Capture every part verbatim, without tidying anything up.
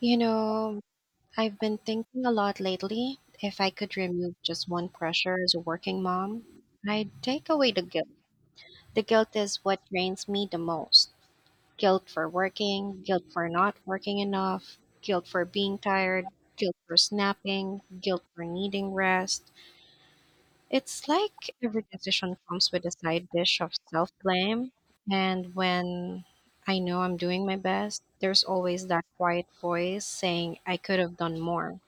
You know, I've been thinking a lot lately. If I could remove just one pressure as a working mom, I'd take away the guilt. The guilt is what drains me the most. Guilt for working, guilt for not working enough, guilt for being tired, guilt for snapping, guilt for needing rest. It's like every decision comes with a side dish of self blame. And when I know I'm doing my best, there's always that quiet voice saying, I could have done more.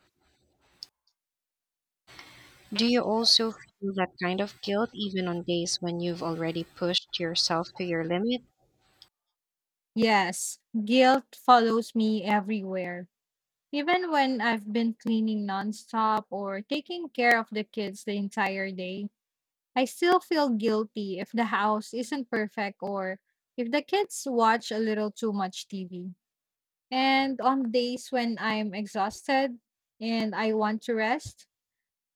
Do you also feel that kind of guilt even on days when you've already pushed yourself to your limit? Yes, guilt follows me everywhere. Even when I've been cleaning nonstop or taking care of the kids the entire day, I still feel guilty if the house isn't perfect or if the kids watch a little too much T V. And on days when I'm exhausted and I want to rest,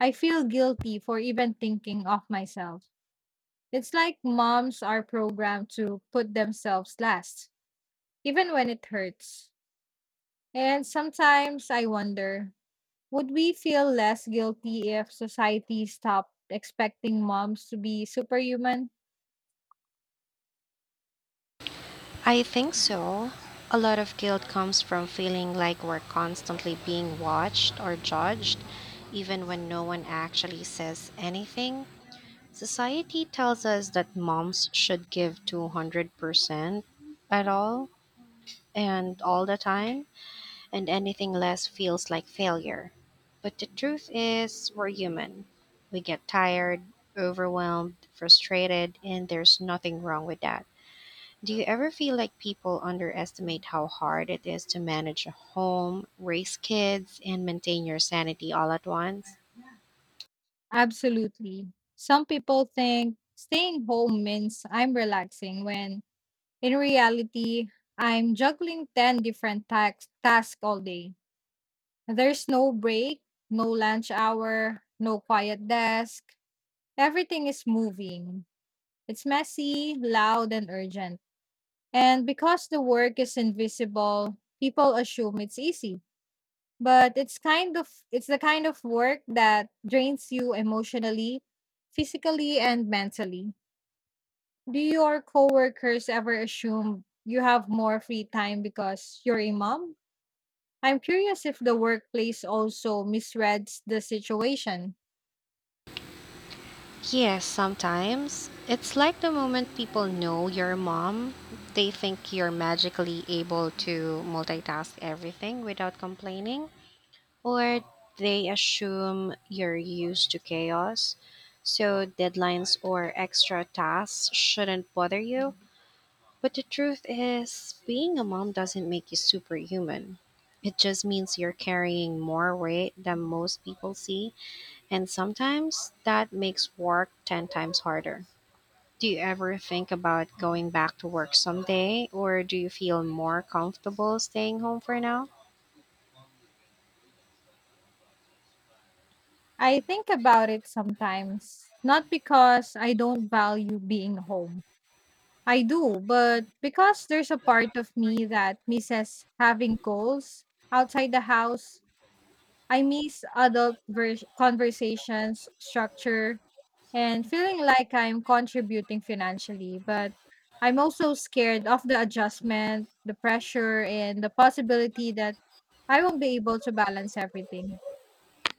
I feel guilty for even thinking of myself. It's like moms are programmed to put themselves last, even when it hurts. And sometimes I wonder, would we feel less guilty if society stopped expecting moms to be superhuman? I think so. A lot of guilt comes from feeling like we're constantly being watched or judged, even when no one actually says anything. Society tells us that moms should give two hundred percent at all and all the time, and anything less feels like failure. But the truth is, we're human. We get tired, overwhelmed, frustrated, and there's nothing wrong with that. Do you ever feel like people underestimate how hard it is to manage a home, raise kids, and maintain your sanity all at once? Absolutely. Some people think staying home means I'm relaxing, when in reality, I'm juggling ten different tax- tasks all day. There's no break, no lunch hour, no quiet desk. Everything is moving. It's messy, loud, and urgent. And because the work is invisible, people assume it's easy. But it's kind of It's the kind of work that drains you emotionally, physically and mentally. Do your coworkers ever assume you have more free time because you're a mom? I'm curious if the workplace also misreads the situation. Yes, sometimes. It's like the moment people know you're a mom, they think you're magically able to multitask everything without complaining, or they assume you're used to chaos, so deadlines or extra tasks shouldn't bother you. But the truth is, being a mom doesn't make you superhuman. It just means you're carrying more weight than most people see, and sometimes that makes work ten times harder. Do you ever think about going back to work someday, or do you feel more comfortable staying home for now? I think about it sometimes, not because I don't value being home. I do, but because there's a part of me that misses having goals outside the house. I miss adult vers- conversations, structure, and feeling like I'm contributing financially. But I'm also scared of the adjustment, the pressure, and the possibility that I won't be able to balance everything.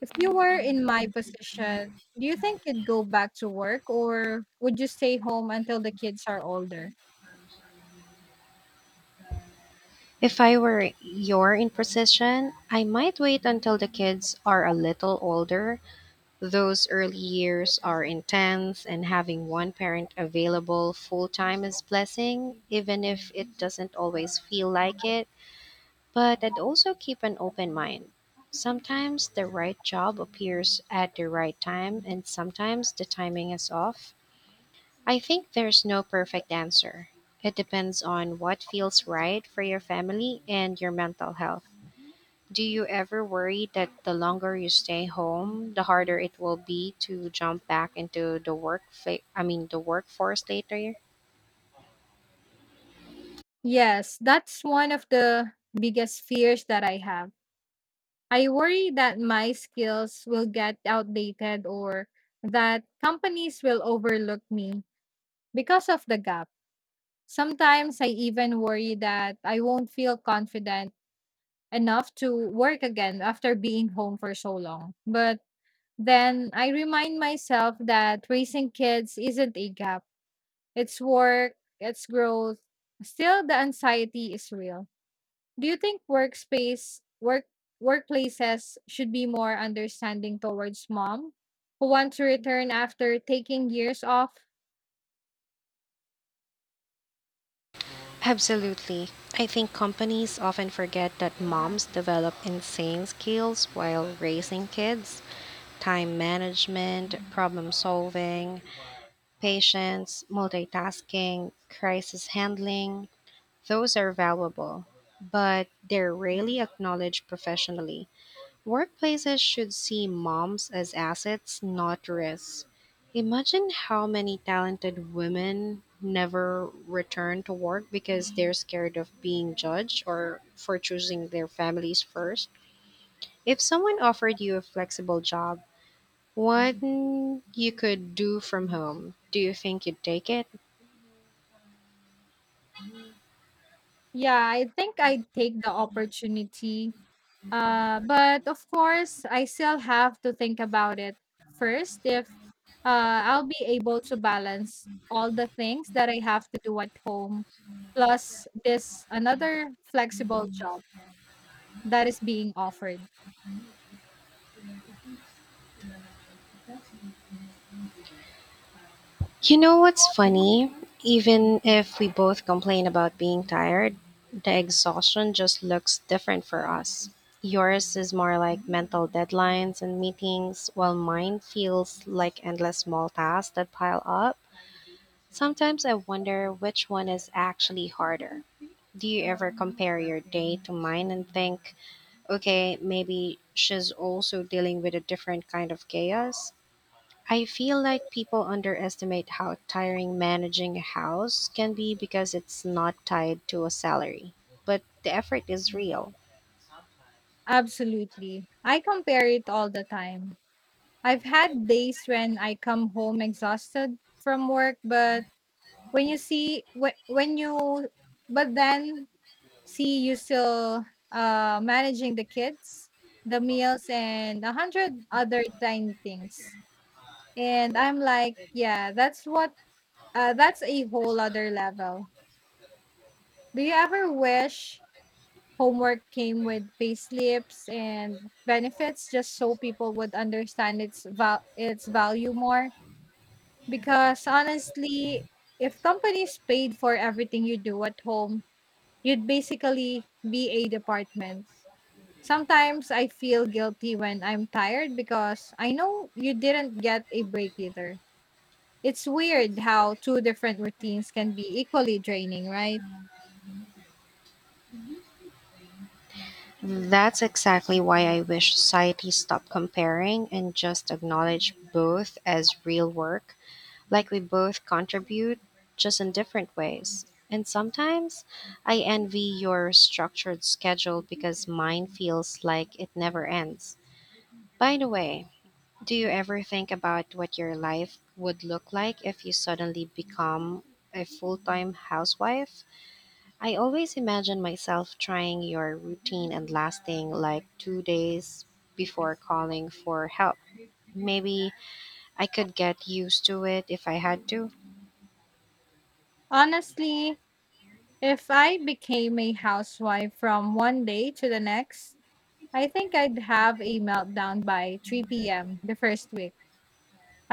If you were in my position, do you think you'd go back to work or would you stay home until the kids are older? If I were you're in position, I might wait until the kids are a little older. Those early years are intense, and having one parent available full time is blessing, even if it doesn't always feel like it. But I'd also keep an open mind. Sometimes the right job appears at the right time, and sometimes the timing is off. I think there's no perfect answer. It depends on what feels right for your family and your mental health. Do you ever worry that the longer you stay home, the harder it will be to jump back into the work fa- I mean the workforce later? Yes, that's one of the biggest fears that I have. I worry that my skills will get outdated or that companies will overlook me because of the gap. Sometimes I even worry that I won't feel confident enough to work again after being home for so long. But then I remind myself that raising kids isn't a gap, it's work, it's growth. Still, the anxiety is real. Do you think workspace work workplaces should be more understanding towards mom who want to return after taking years off? Absolutely. I think companies often forget that moms develop insane skills while raising kids: time management, problem solving, patience, multitasking, crisis handling. Those are valuable, but they're rarely acknowledged professionally. Workplaces should see moms as assets, not risks. Imagine how many talented women never return to work because they're scared of being judged or for choosing their families first. If someone offered you a flexible job, what you could do from home, do you think you'd take it? Yeah, I think I'd take the opportunity. Uh, but of course, I still have to think about it first if uh, I'll be able to balance all the things that I have to do at home, plus this another flexible job that is being offered. You know what's funny? Even if we both complain about being tired, the exhaustion just looks different for us. Yours is more like mental deadlines and meetings, while mine feels like endless small tasks that pile up. Sometimes I wonder which one is actually harder. Do you ever compare your day to mine and think, okay, maybe she's also dealing with a different kind of chaos? I feel like people underestimate how tiring managing a house can be because it's not tied to a salary, but the effort is real. Absolutely. I compare it all the time. I've had days when I come home exhausted from work, but when you see wh- when you but then see you still uh managing the kids, the meals and a hundred other tiny things. And I'm like, yeah, that's what uh that's a whole other level. Do you ever wish homework came with pay slips and benefits just so people would understand its val- its value more, because honestly, if companies paid for everything you do at home, you'd basically be a department. Sometimes I feel guilty when I'm tired because I know you didn't get a break either. It's weird how two different routines can be equally draining, right? That's exactly why I wish society stopped comparing and just acknowledge both as real work, like we both contribute, just in different ways. And sometimes I envy your structured schedule because mine feels like it never ends. By the way, do you ever think about what your life would look like if you suddenly become a full time housewife? I always imagine myself trying your routine and lasting like two days before calling for help. Maybe I could get used to it if I had to. Honestly, if I became a housewife from one day to the next, I think I'd have a meltdown by three p m the first week.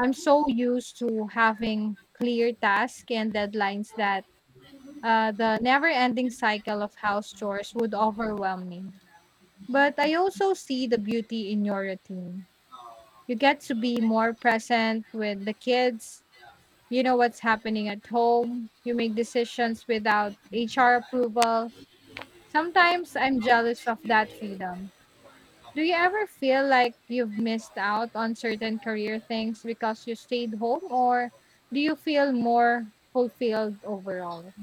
I'm so used to having clear tasks and deadlines that uh, the never ending cycle of house chores would overwhelm me. But I also see the beauty in your routine. You get to be more present with the kids. You know what's happening at home. You make decisions without H R approval. Sometimes I'm jealous of that freedom. Do you ever feel like you've missed out on certain career things because you stayed home, or do you feel more fulfilled overall?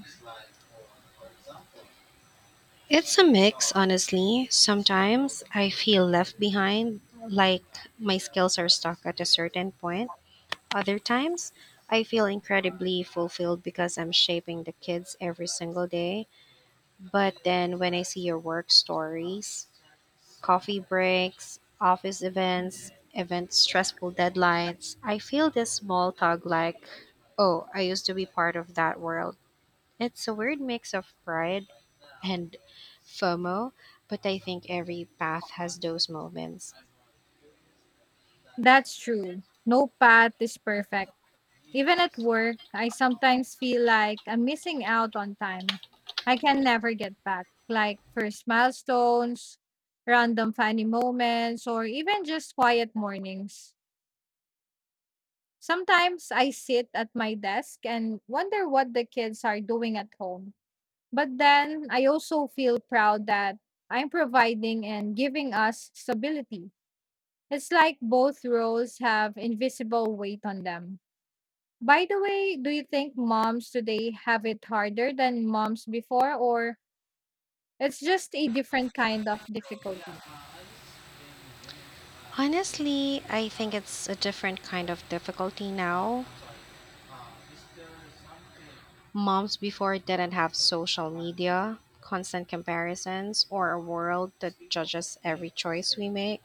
It's a mix, honestly. Sometimes I feel left behind, like my skills are stuck at a certain point. Other times, I feel incredibly fulfilled because I'm shaping the kids every single day. But then when I see your work stories, coffee breaks, office events, events, stressful deadlines, I feel this small tug like, oh, I used to be part of that world. It's a weird mix of pride and FOMO, but I think every path has those moments. That's true. No path is perfect. Even at work, I sometimes feel like I'm missing out on time I can never get back, like first milestones, random funny moments, or even just quiet mornings. Sometimes I sit at my desk and wonder what the kids are doing at home. But then I also feel proud that I'm providing and giving us stability. It's like both roles have invisible weight on them. By the way, do you think moms today have it harder than moms before, or it's just a different kind of difficulty? Honestly, I think it's a different kind of difficulty now. Moms before didn't have social media, constant comparisons, or a world that judges every choice we make,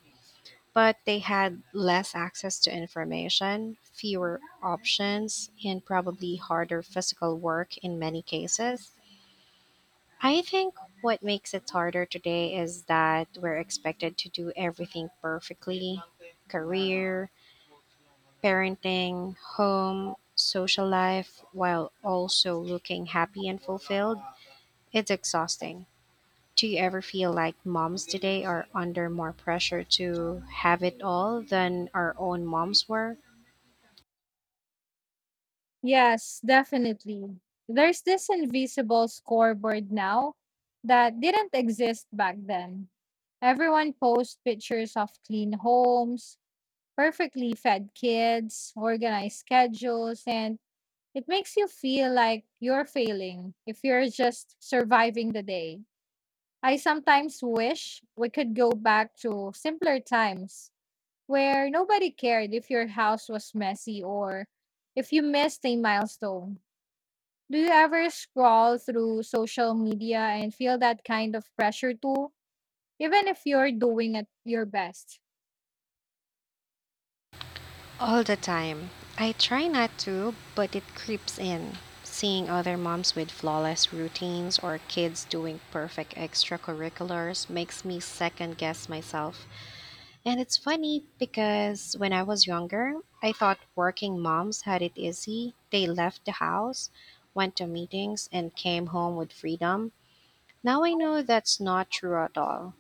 but they had less access to information, fewer options, and probably harder physical work in many cases. I think what makes it harder today is that we're expected to do everything perfectly: career, parenting, home, social life, while also looking happy and fulfilled. It's exhausting. Do you ever feel like moms today are under more pressure to have it all than our own moms were? Yes, definitely. There's this invisible scoreboard now that didn't exist back then. Everyone posts pictures of clean homes, perfectly fed kids, organized schedules, and it makes you feel like you're failing if you're just surviving the day. I sometimes wish we could go back to simpler times where nobody cared if your house was messy or if you missed a milestone. Do you ever scroll through social media and feel that kind of pressure too, even if you're doing it your best? All the time. I try not to, but it creeps in. Seeing other moms with flawless routines or kids doing perfect extracurriculars makes me second guess myself. And it's funny because when I was younger, I thought working moms had it easy. They left the house, went to meetings, and came home with freedom. Now I know that's not true at all.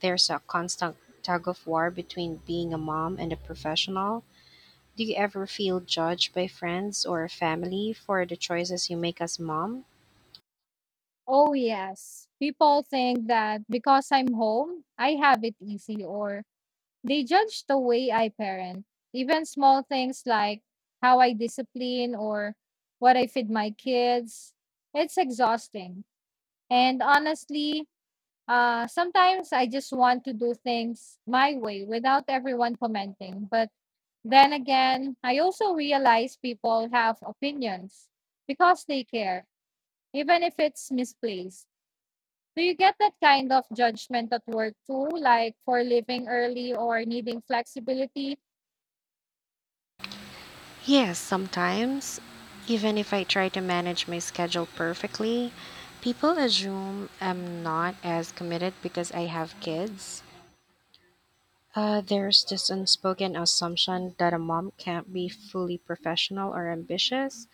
There's a constant tug of war between being a mom and a professional. Do you ever feel judged by friends or family for the choices you make as mom? Oh, yes. People think that because I'm home, I have it easy, or they judge the way I parent. Even small things like how I discipline or what I feed my kids. It's exhausting. And honestly, Uh, sometimes I just want to do things my way without everyone commenting. But then again, I also realize people have opinions because they care, even if it's misplaced. Do you get that kind of judgment at work too, like for leaving early or needing flexibility? Yes, sometimes. Even if I try to manage my schedule perfectly, people assume I'm not as committed because I have kids. Uh, there's this unspoken assumption that a mom can't be fully professional or ambitious.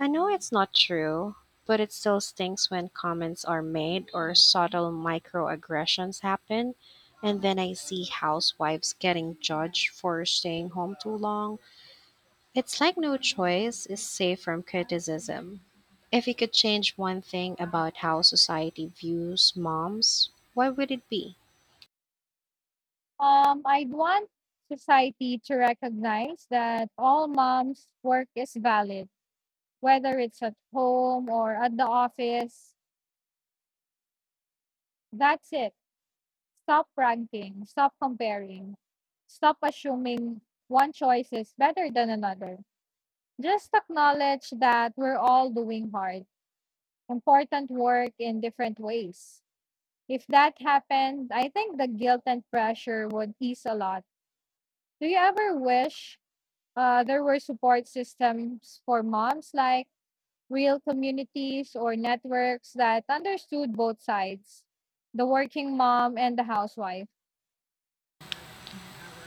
I know it's not true, but it still stings when comments are made or subtle microaggressions happen, and then I see housewives getting judged for staying home too long. It's like no choice is safe from criticism. If you could change one thing about how society views moms, what would it be? Um, I'd want society to recognize that all moms' work is valid, whether it's at home or at the office. That's it. Stop ranking, stop comparing, stop assuming one choice is better than another. Just acknowledge that we're all doing hard, important work in different ways. If that happened, I think the guilt and pressure would ease a lot. Do you ever wish uh, there were support systems for moms, like real communities or networks that understood both sides, the working mom and the housewife?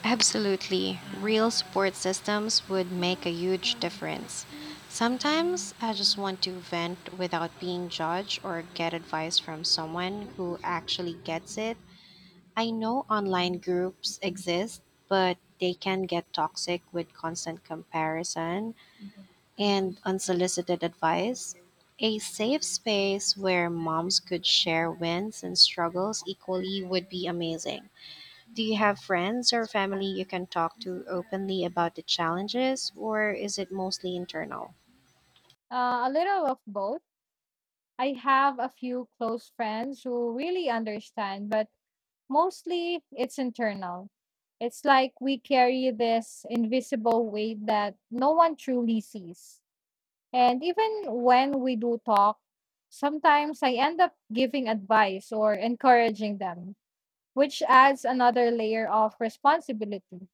Absolutely. Real support systems would make a huge difference. Sometimes I just want to vent without being judged or get advice from someone who actually gets it. I know online groups exist, but they can get toxic with constant comparison and unsolicited advice. A safe space where moms could share wins and struggles equally would be amazing. Do you have friends or family you can talk to openly about the challenges, or is it mostly internal? Uh, a little of both. I have a few close friends who really understand, but mostly it's internal. It's like we carry this invisible weight that no one truly sees. And even when we do talk, sometimes I end up giving advice or encouraging them, which adds another layer of responsibility.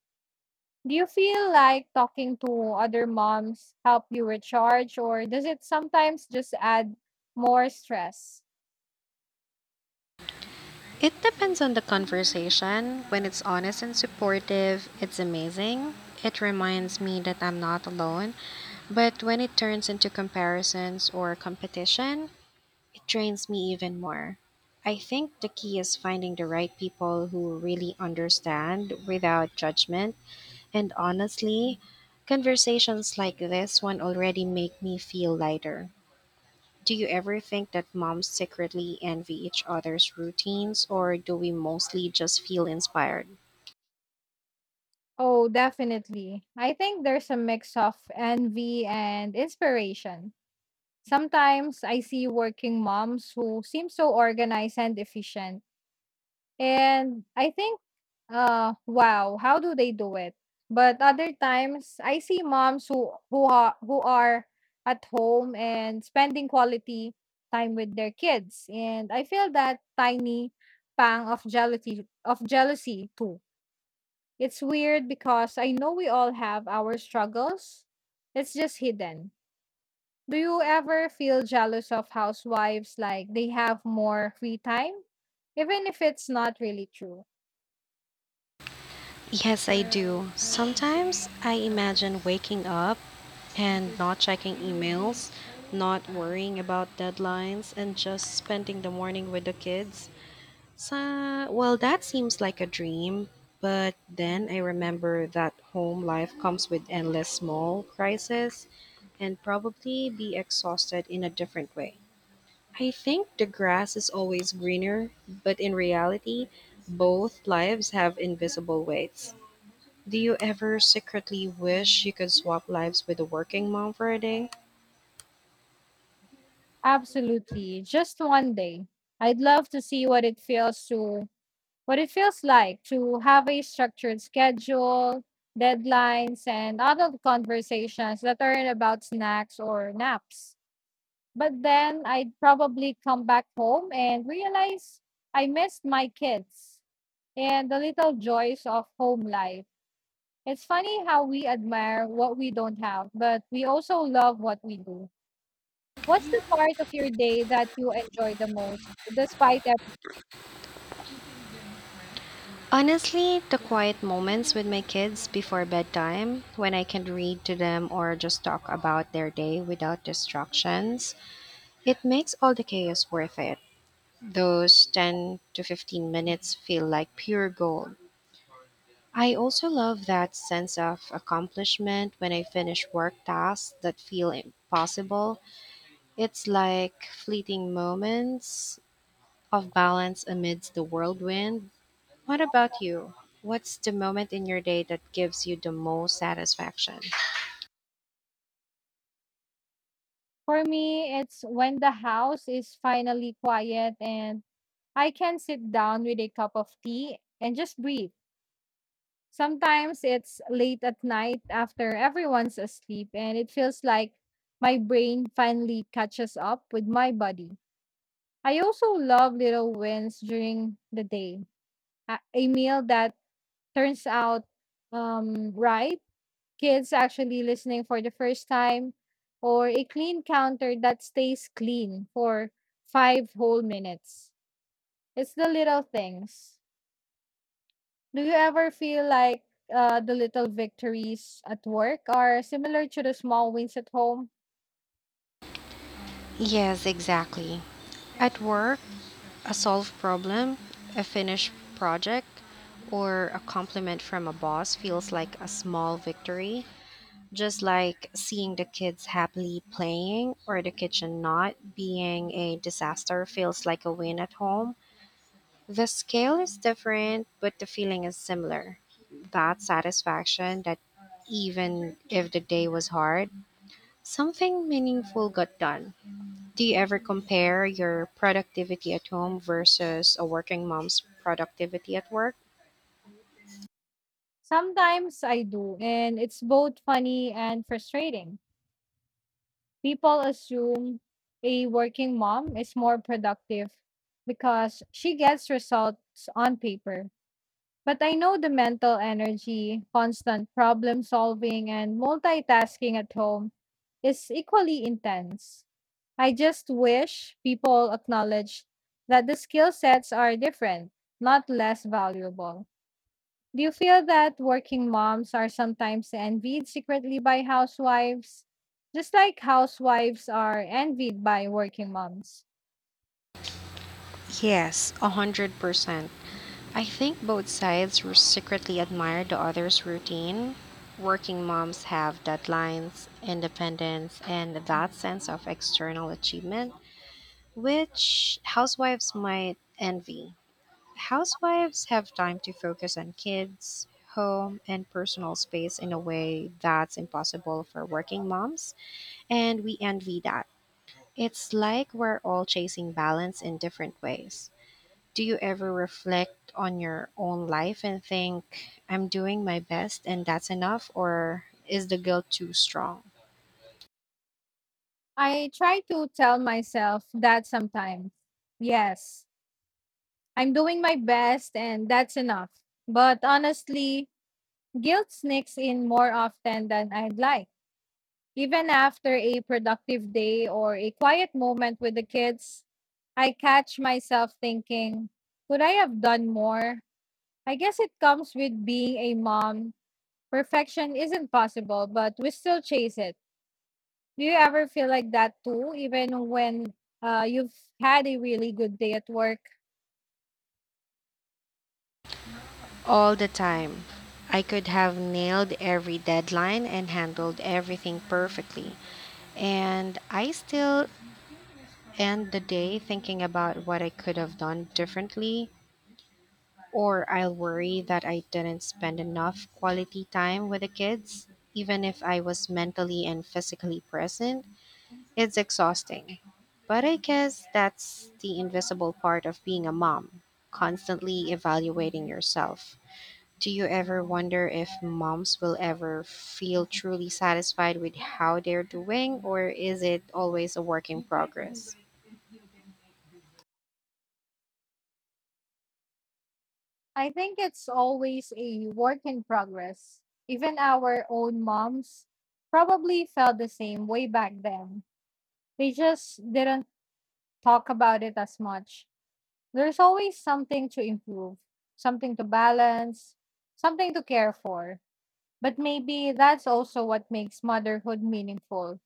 Do you feel like talking to other moms help you recharge or does it sometimes just add more stress? It depends on the conversation. When it's honest and supportive, it's amazing. It reminds me that I'm not alone. But when it turns into comparisons or competition, it drains me even more. I think the key is finding the right people who really understand without judgment. And honestly, conversations like this one already make me feel lighter. Do you ever think that moms secretly envy each other's routines, or do we mostly just feel inspired? Oh, definitely. I think there's a mix of envy and inspiration. Sometimes I see working moms who seem so organized and efficient. And I think, uh, wow, how do they do it? But other times I see moms who who are, who are at home and spending quality time with their kids. And I feel that tiny pang of jealousy of jealousy too. It's weird because I know we all have our struggles. It's just hidden. Do you ever feel jealous of housewives, like they have more free time? Even if it's not really true. Yes, I do. Sometimes I imagine waking up and not checking emails, not worrying about deadlines, and just spending the morning with the kids. So, well, that seems like a dream, but then I remember that home life comes with endless small crises and probably be exhausted in a different way. I think the grass is always greener, but in reality, both lives have invisible weights. Do you ever secretly wish you could swap lives with a working mom for a day? Absolutely. Just one day. I'd love to see what it feels to what it feels like to have a structured schedule, deadlines, and adult conversations that aren't about snacks or naps. But then I'd probably come back home and realize I missed my kids and the little joys of home life. It's funny how we admire what we don't have, but we also love what we do. What's the part of your day that you enjoy the most, despite everything? Honestly, the quiet moments with my kids before bedtime, when I can read to them or just talk about their day without distractions, it makes all the chaos worth it. Those ten to fifteen minutes feel like pure gold. I also love that sense of accomplishment when I finish work tasks that feel impossible. It's like fleeting moments of balance amidst the whirlwind. What about you? What's the moment in your day that gives you the most satisfaction? For me, it's when the house is finally quiet and I can sit down with a cup of tea and just breathe. Sometimes it's late at night after everyone's asleep, and it feels like my brain finally catches up with my body. I also love little wins during the day. A, a meal that turns out um, right, kids actually listening for the first time, or a clean counter that stays clean for five whole minutes. It's the little things. Do you ever feel like uh, the little victories at work are similar to the small wins at home? Yes, exactly. At work, a solved problem, a finished project, or a compliment from a boss feels like a small victory. Just like seeing the kids happily playing or the kitchen not being a disaster feels like a win at home. The scale is different, but the feeling is similar. That satisfaction that even if the day was hard, something meaningful got done. Do you ever compare your productivity at home versus a working mom's productivity at work? Sometimes I do, and it's both funny and frustrating. People assume a working mom is more productive because she gets results on paper. But I know the mental energy, constant problem solving, and multitasking at home is equally intense. I just wish people acknowledge that the skill sets are different, not less valuable. Do you feel that working moms are sometimes envied secretly by housewives? Just like housewives are envied by working moms. Yes, one hundred percent. I think both sides r- secretly admire the other's routine. Working moms have deadlines, independence, and that sense of external achievement, which housewives might envy. Housewives have time to focus on kids, home, and personal space in a way that's impossible for working moms, and we envy that. It's like we're all chasing balance in different ways. Do you ever reflect on your own life and think, I'm doing my best and that's enough, or is the guilt too strong? I try to tell myself that sometimes. Yes, I'm doing my best and that's enough. But honestly, guilt sneaks in more often than I'd like. Even after a productive day or a quiet moment with the kids, I catch myself thinking, could I have done more? I guess it comes with being a mom. Perfection isn't possible, but we still chase it. Do you ever feel like that too, even when uh, you've had a really good day at work? All the time. I could have nailed every deadline and handled everything perfectly, and I still end the day thinking about what I could have done differently, or I'll worry that I didn't spend enough quality time with the kids, even if I was mentally and physically present. It's exhausting. But I guess that's the invisible part of being a mom, constantly evaluating yourself. Do you ever wonder if moms will ever feel truly satisfied with how they're doing, or is it always a work in progress? I think it's always a work in progress. Even our own moms probably felt the same way back then. They just didn't talk about it as much. There's always something to improve, something to balance, something to care for. But maybe that's also what makes motherhood meaningful,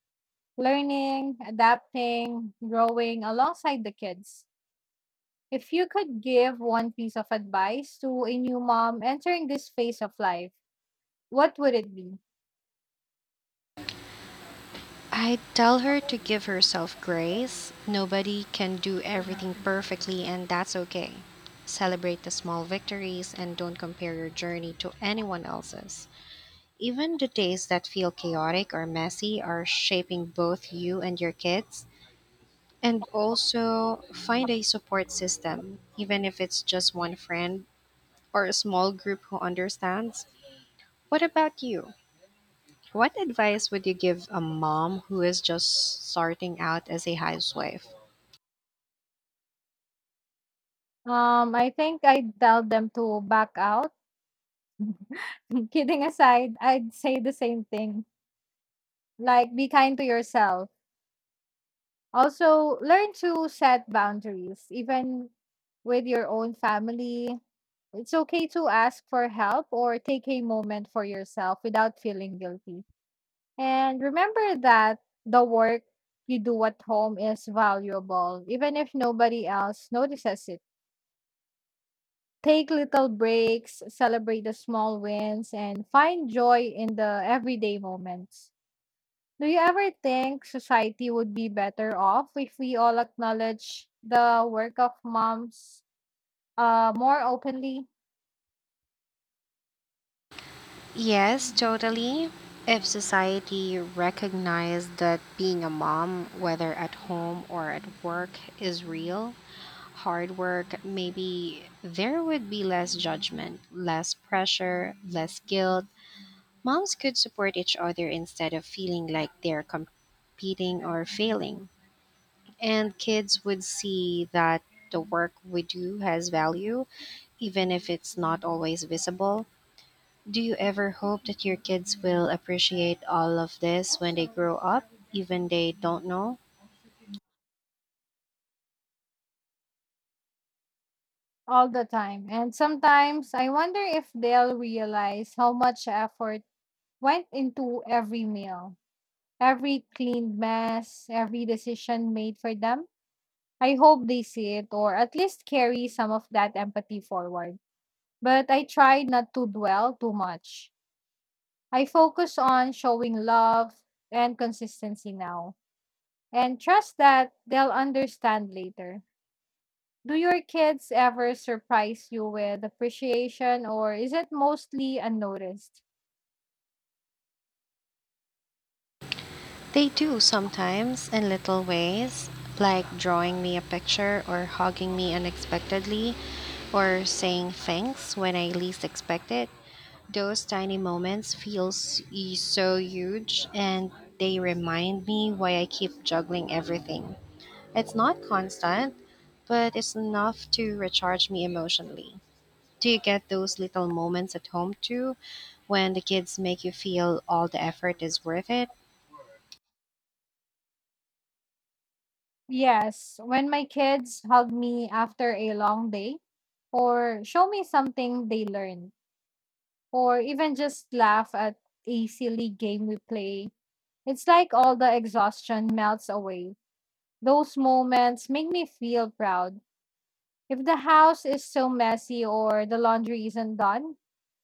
learning, adapting, growing alongside the kids. If you could give one piece of advice to a new mom entering this phase of life, what would it be? I tell her to give herself grace. Nobody can do everything perfectly, and that's okay. Celebrate the small victories and don't compare your journey to anyone else's. Even the days that feel chaotic or messy are shaping both you and your kids. And also find a support system, even if it's just one friend or a small group who understands. What about you? What advice would you give a mom who is just starting out as a housewife? Um, I think I'd tell them to back out. Kidding aside, I'd say the same thing. Like, be kind to yourself. Also, learn to set boundaries, even with your own family. It's okay to ask for help or take a moment for yourself without feeling guilty. And remember that the work you do at home is valuable, even if nobody else notices it. Take little breaks, celebrate the small wins, and find joy in the everyday moments. Do you ever think society would be better off if we all acknowledge the work of moms uh, more openly Yes, totally. If society recognized that being a mom, whether at home or at work, is real, hard work, maybe there would be less judgment, less pressure, less guilt. Moms could support each other instead of feeling like they're competing or failing. And kids would see that the work we do has value, even if it's not always visible. Do you ever hope that your kids will appreciate all of this when they grow up, even they don't know? all the time? And sometimes I wonder if they'll realize how much effort went into every meal, every cleaned mess, every decision made for them. I hope they see it or at least carry some of that empathy forward. But I try not to dwell too much. I focus on showing love and consistency now and trust that they'll understand later. Do your kids ever surprise you with appreciation or is it mostly unnoticed? They do sometimes in little ways, like drawing me a picture or hugging me unexpectedly or saying thanks when I least expect it. Those tiny moments feel s- e- so huge, and they remind me why I keep juggling everything. It's not constant, but it's enough to recharge me emotionally. Do you get those little moments at home too when the kids make you feel all the effort is worth it? Yes, when my kids hug me after a long day or show me something they learned or even just laugh at a silly game we play, it's like all the exhaustion melts away. Those moments make me feel proud. If the house is so messy or the laundry isn't done,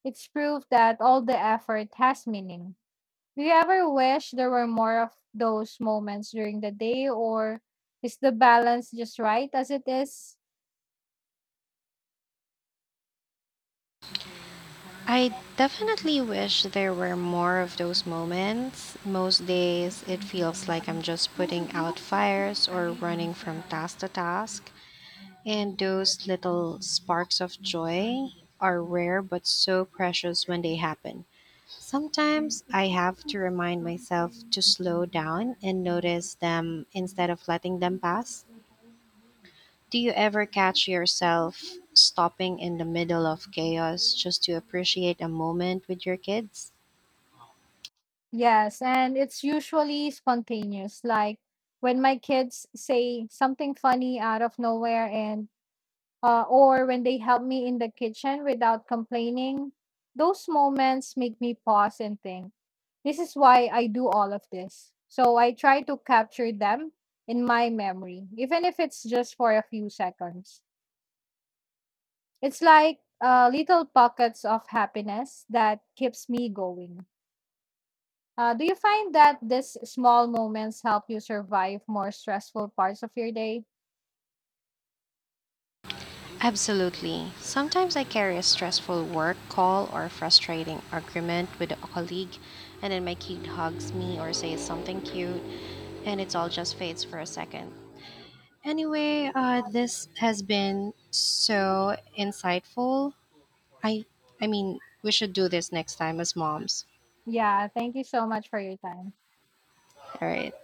it's proof that all the effort has meaning. Do you ever wish there were more of those moments during the day, or is the balance just right as it is? I definitely wish there were more of those moments. Most days, it feels like I'm just putting out fires or running from task to task. And those little sparks of joy are rare but so precious when they happen. Sometimes I have to remind myself to slow down and notice them instead of letting them pass. Do you ever catch yourself stopping in the middle of chaos just to appreciate a moment with your kids? Yes, and it's usually spontaneous, like when my kids say something funny out of nowhere and uh, or when they help me in the kitchen without complaining. Those moments make me pause and think. This is why I do all of this. So I try to capture them in my memory, even if it's just for a few seconds. It's like uh, little pockets of happiness that keeps me going. Uh, do you find that these small moments help you survive more stressful parts of your day? Absolutely. Sometimes I carry a stressful work call or a frustrating argument with a colleague, and then my kid hugs me or says something cute, and it all just fades for a second. Anyway, uh, this has been so insightful. I, I mean, we should do this next time as moms. Yeah, thank you so much for your time. All right.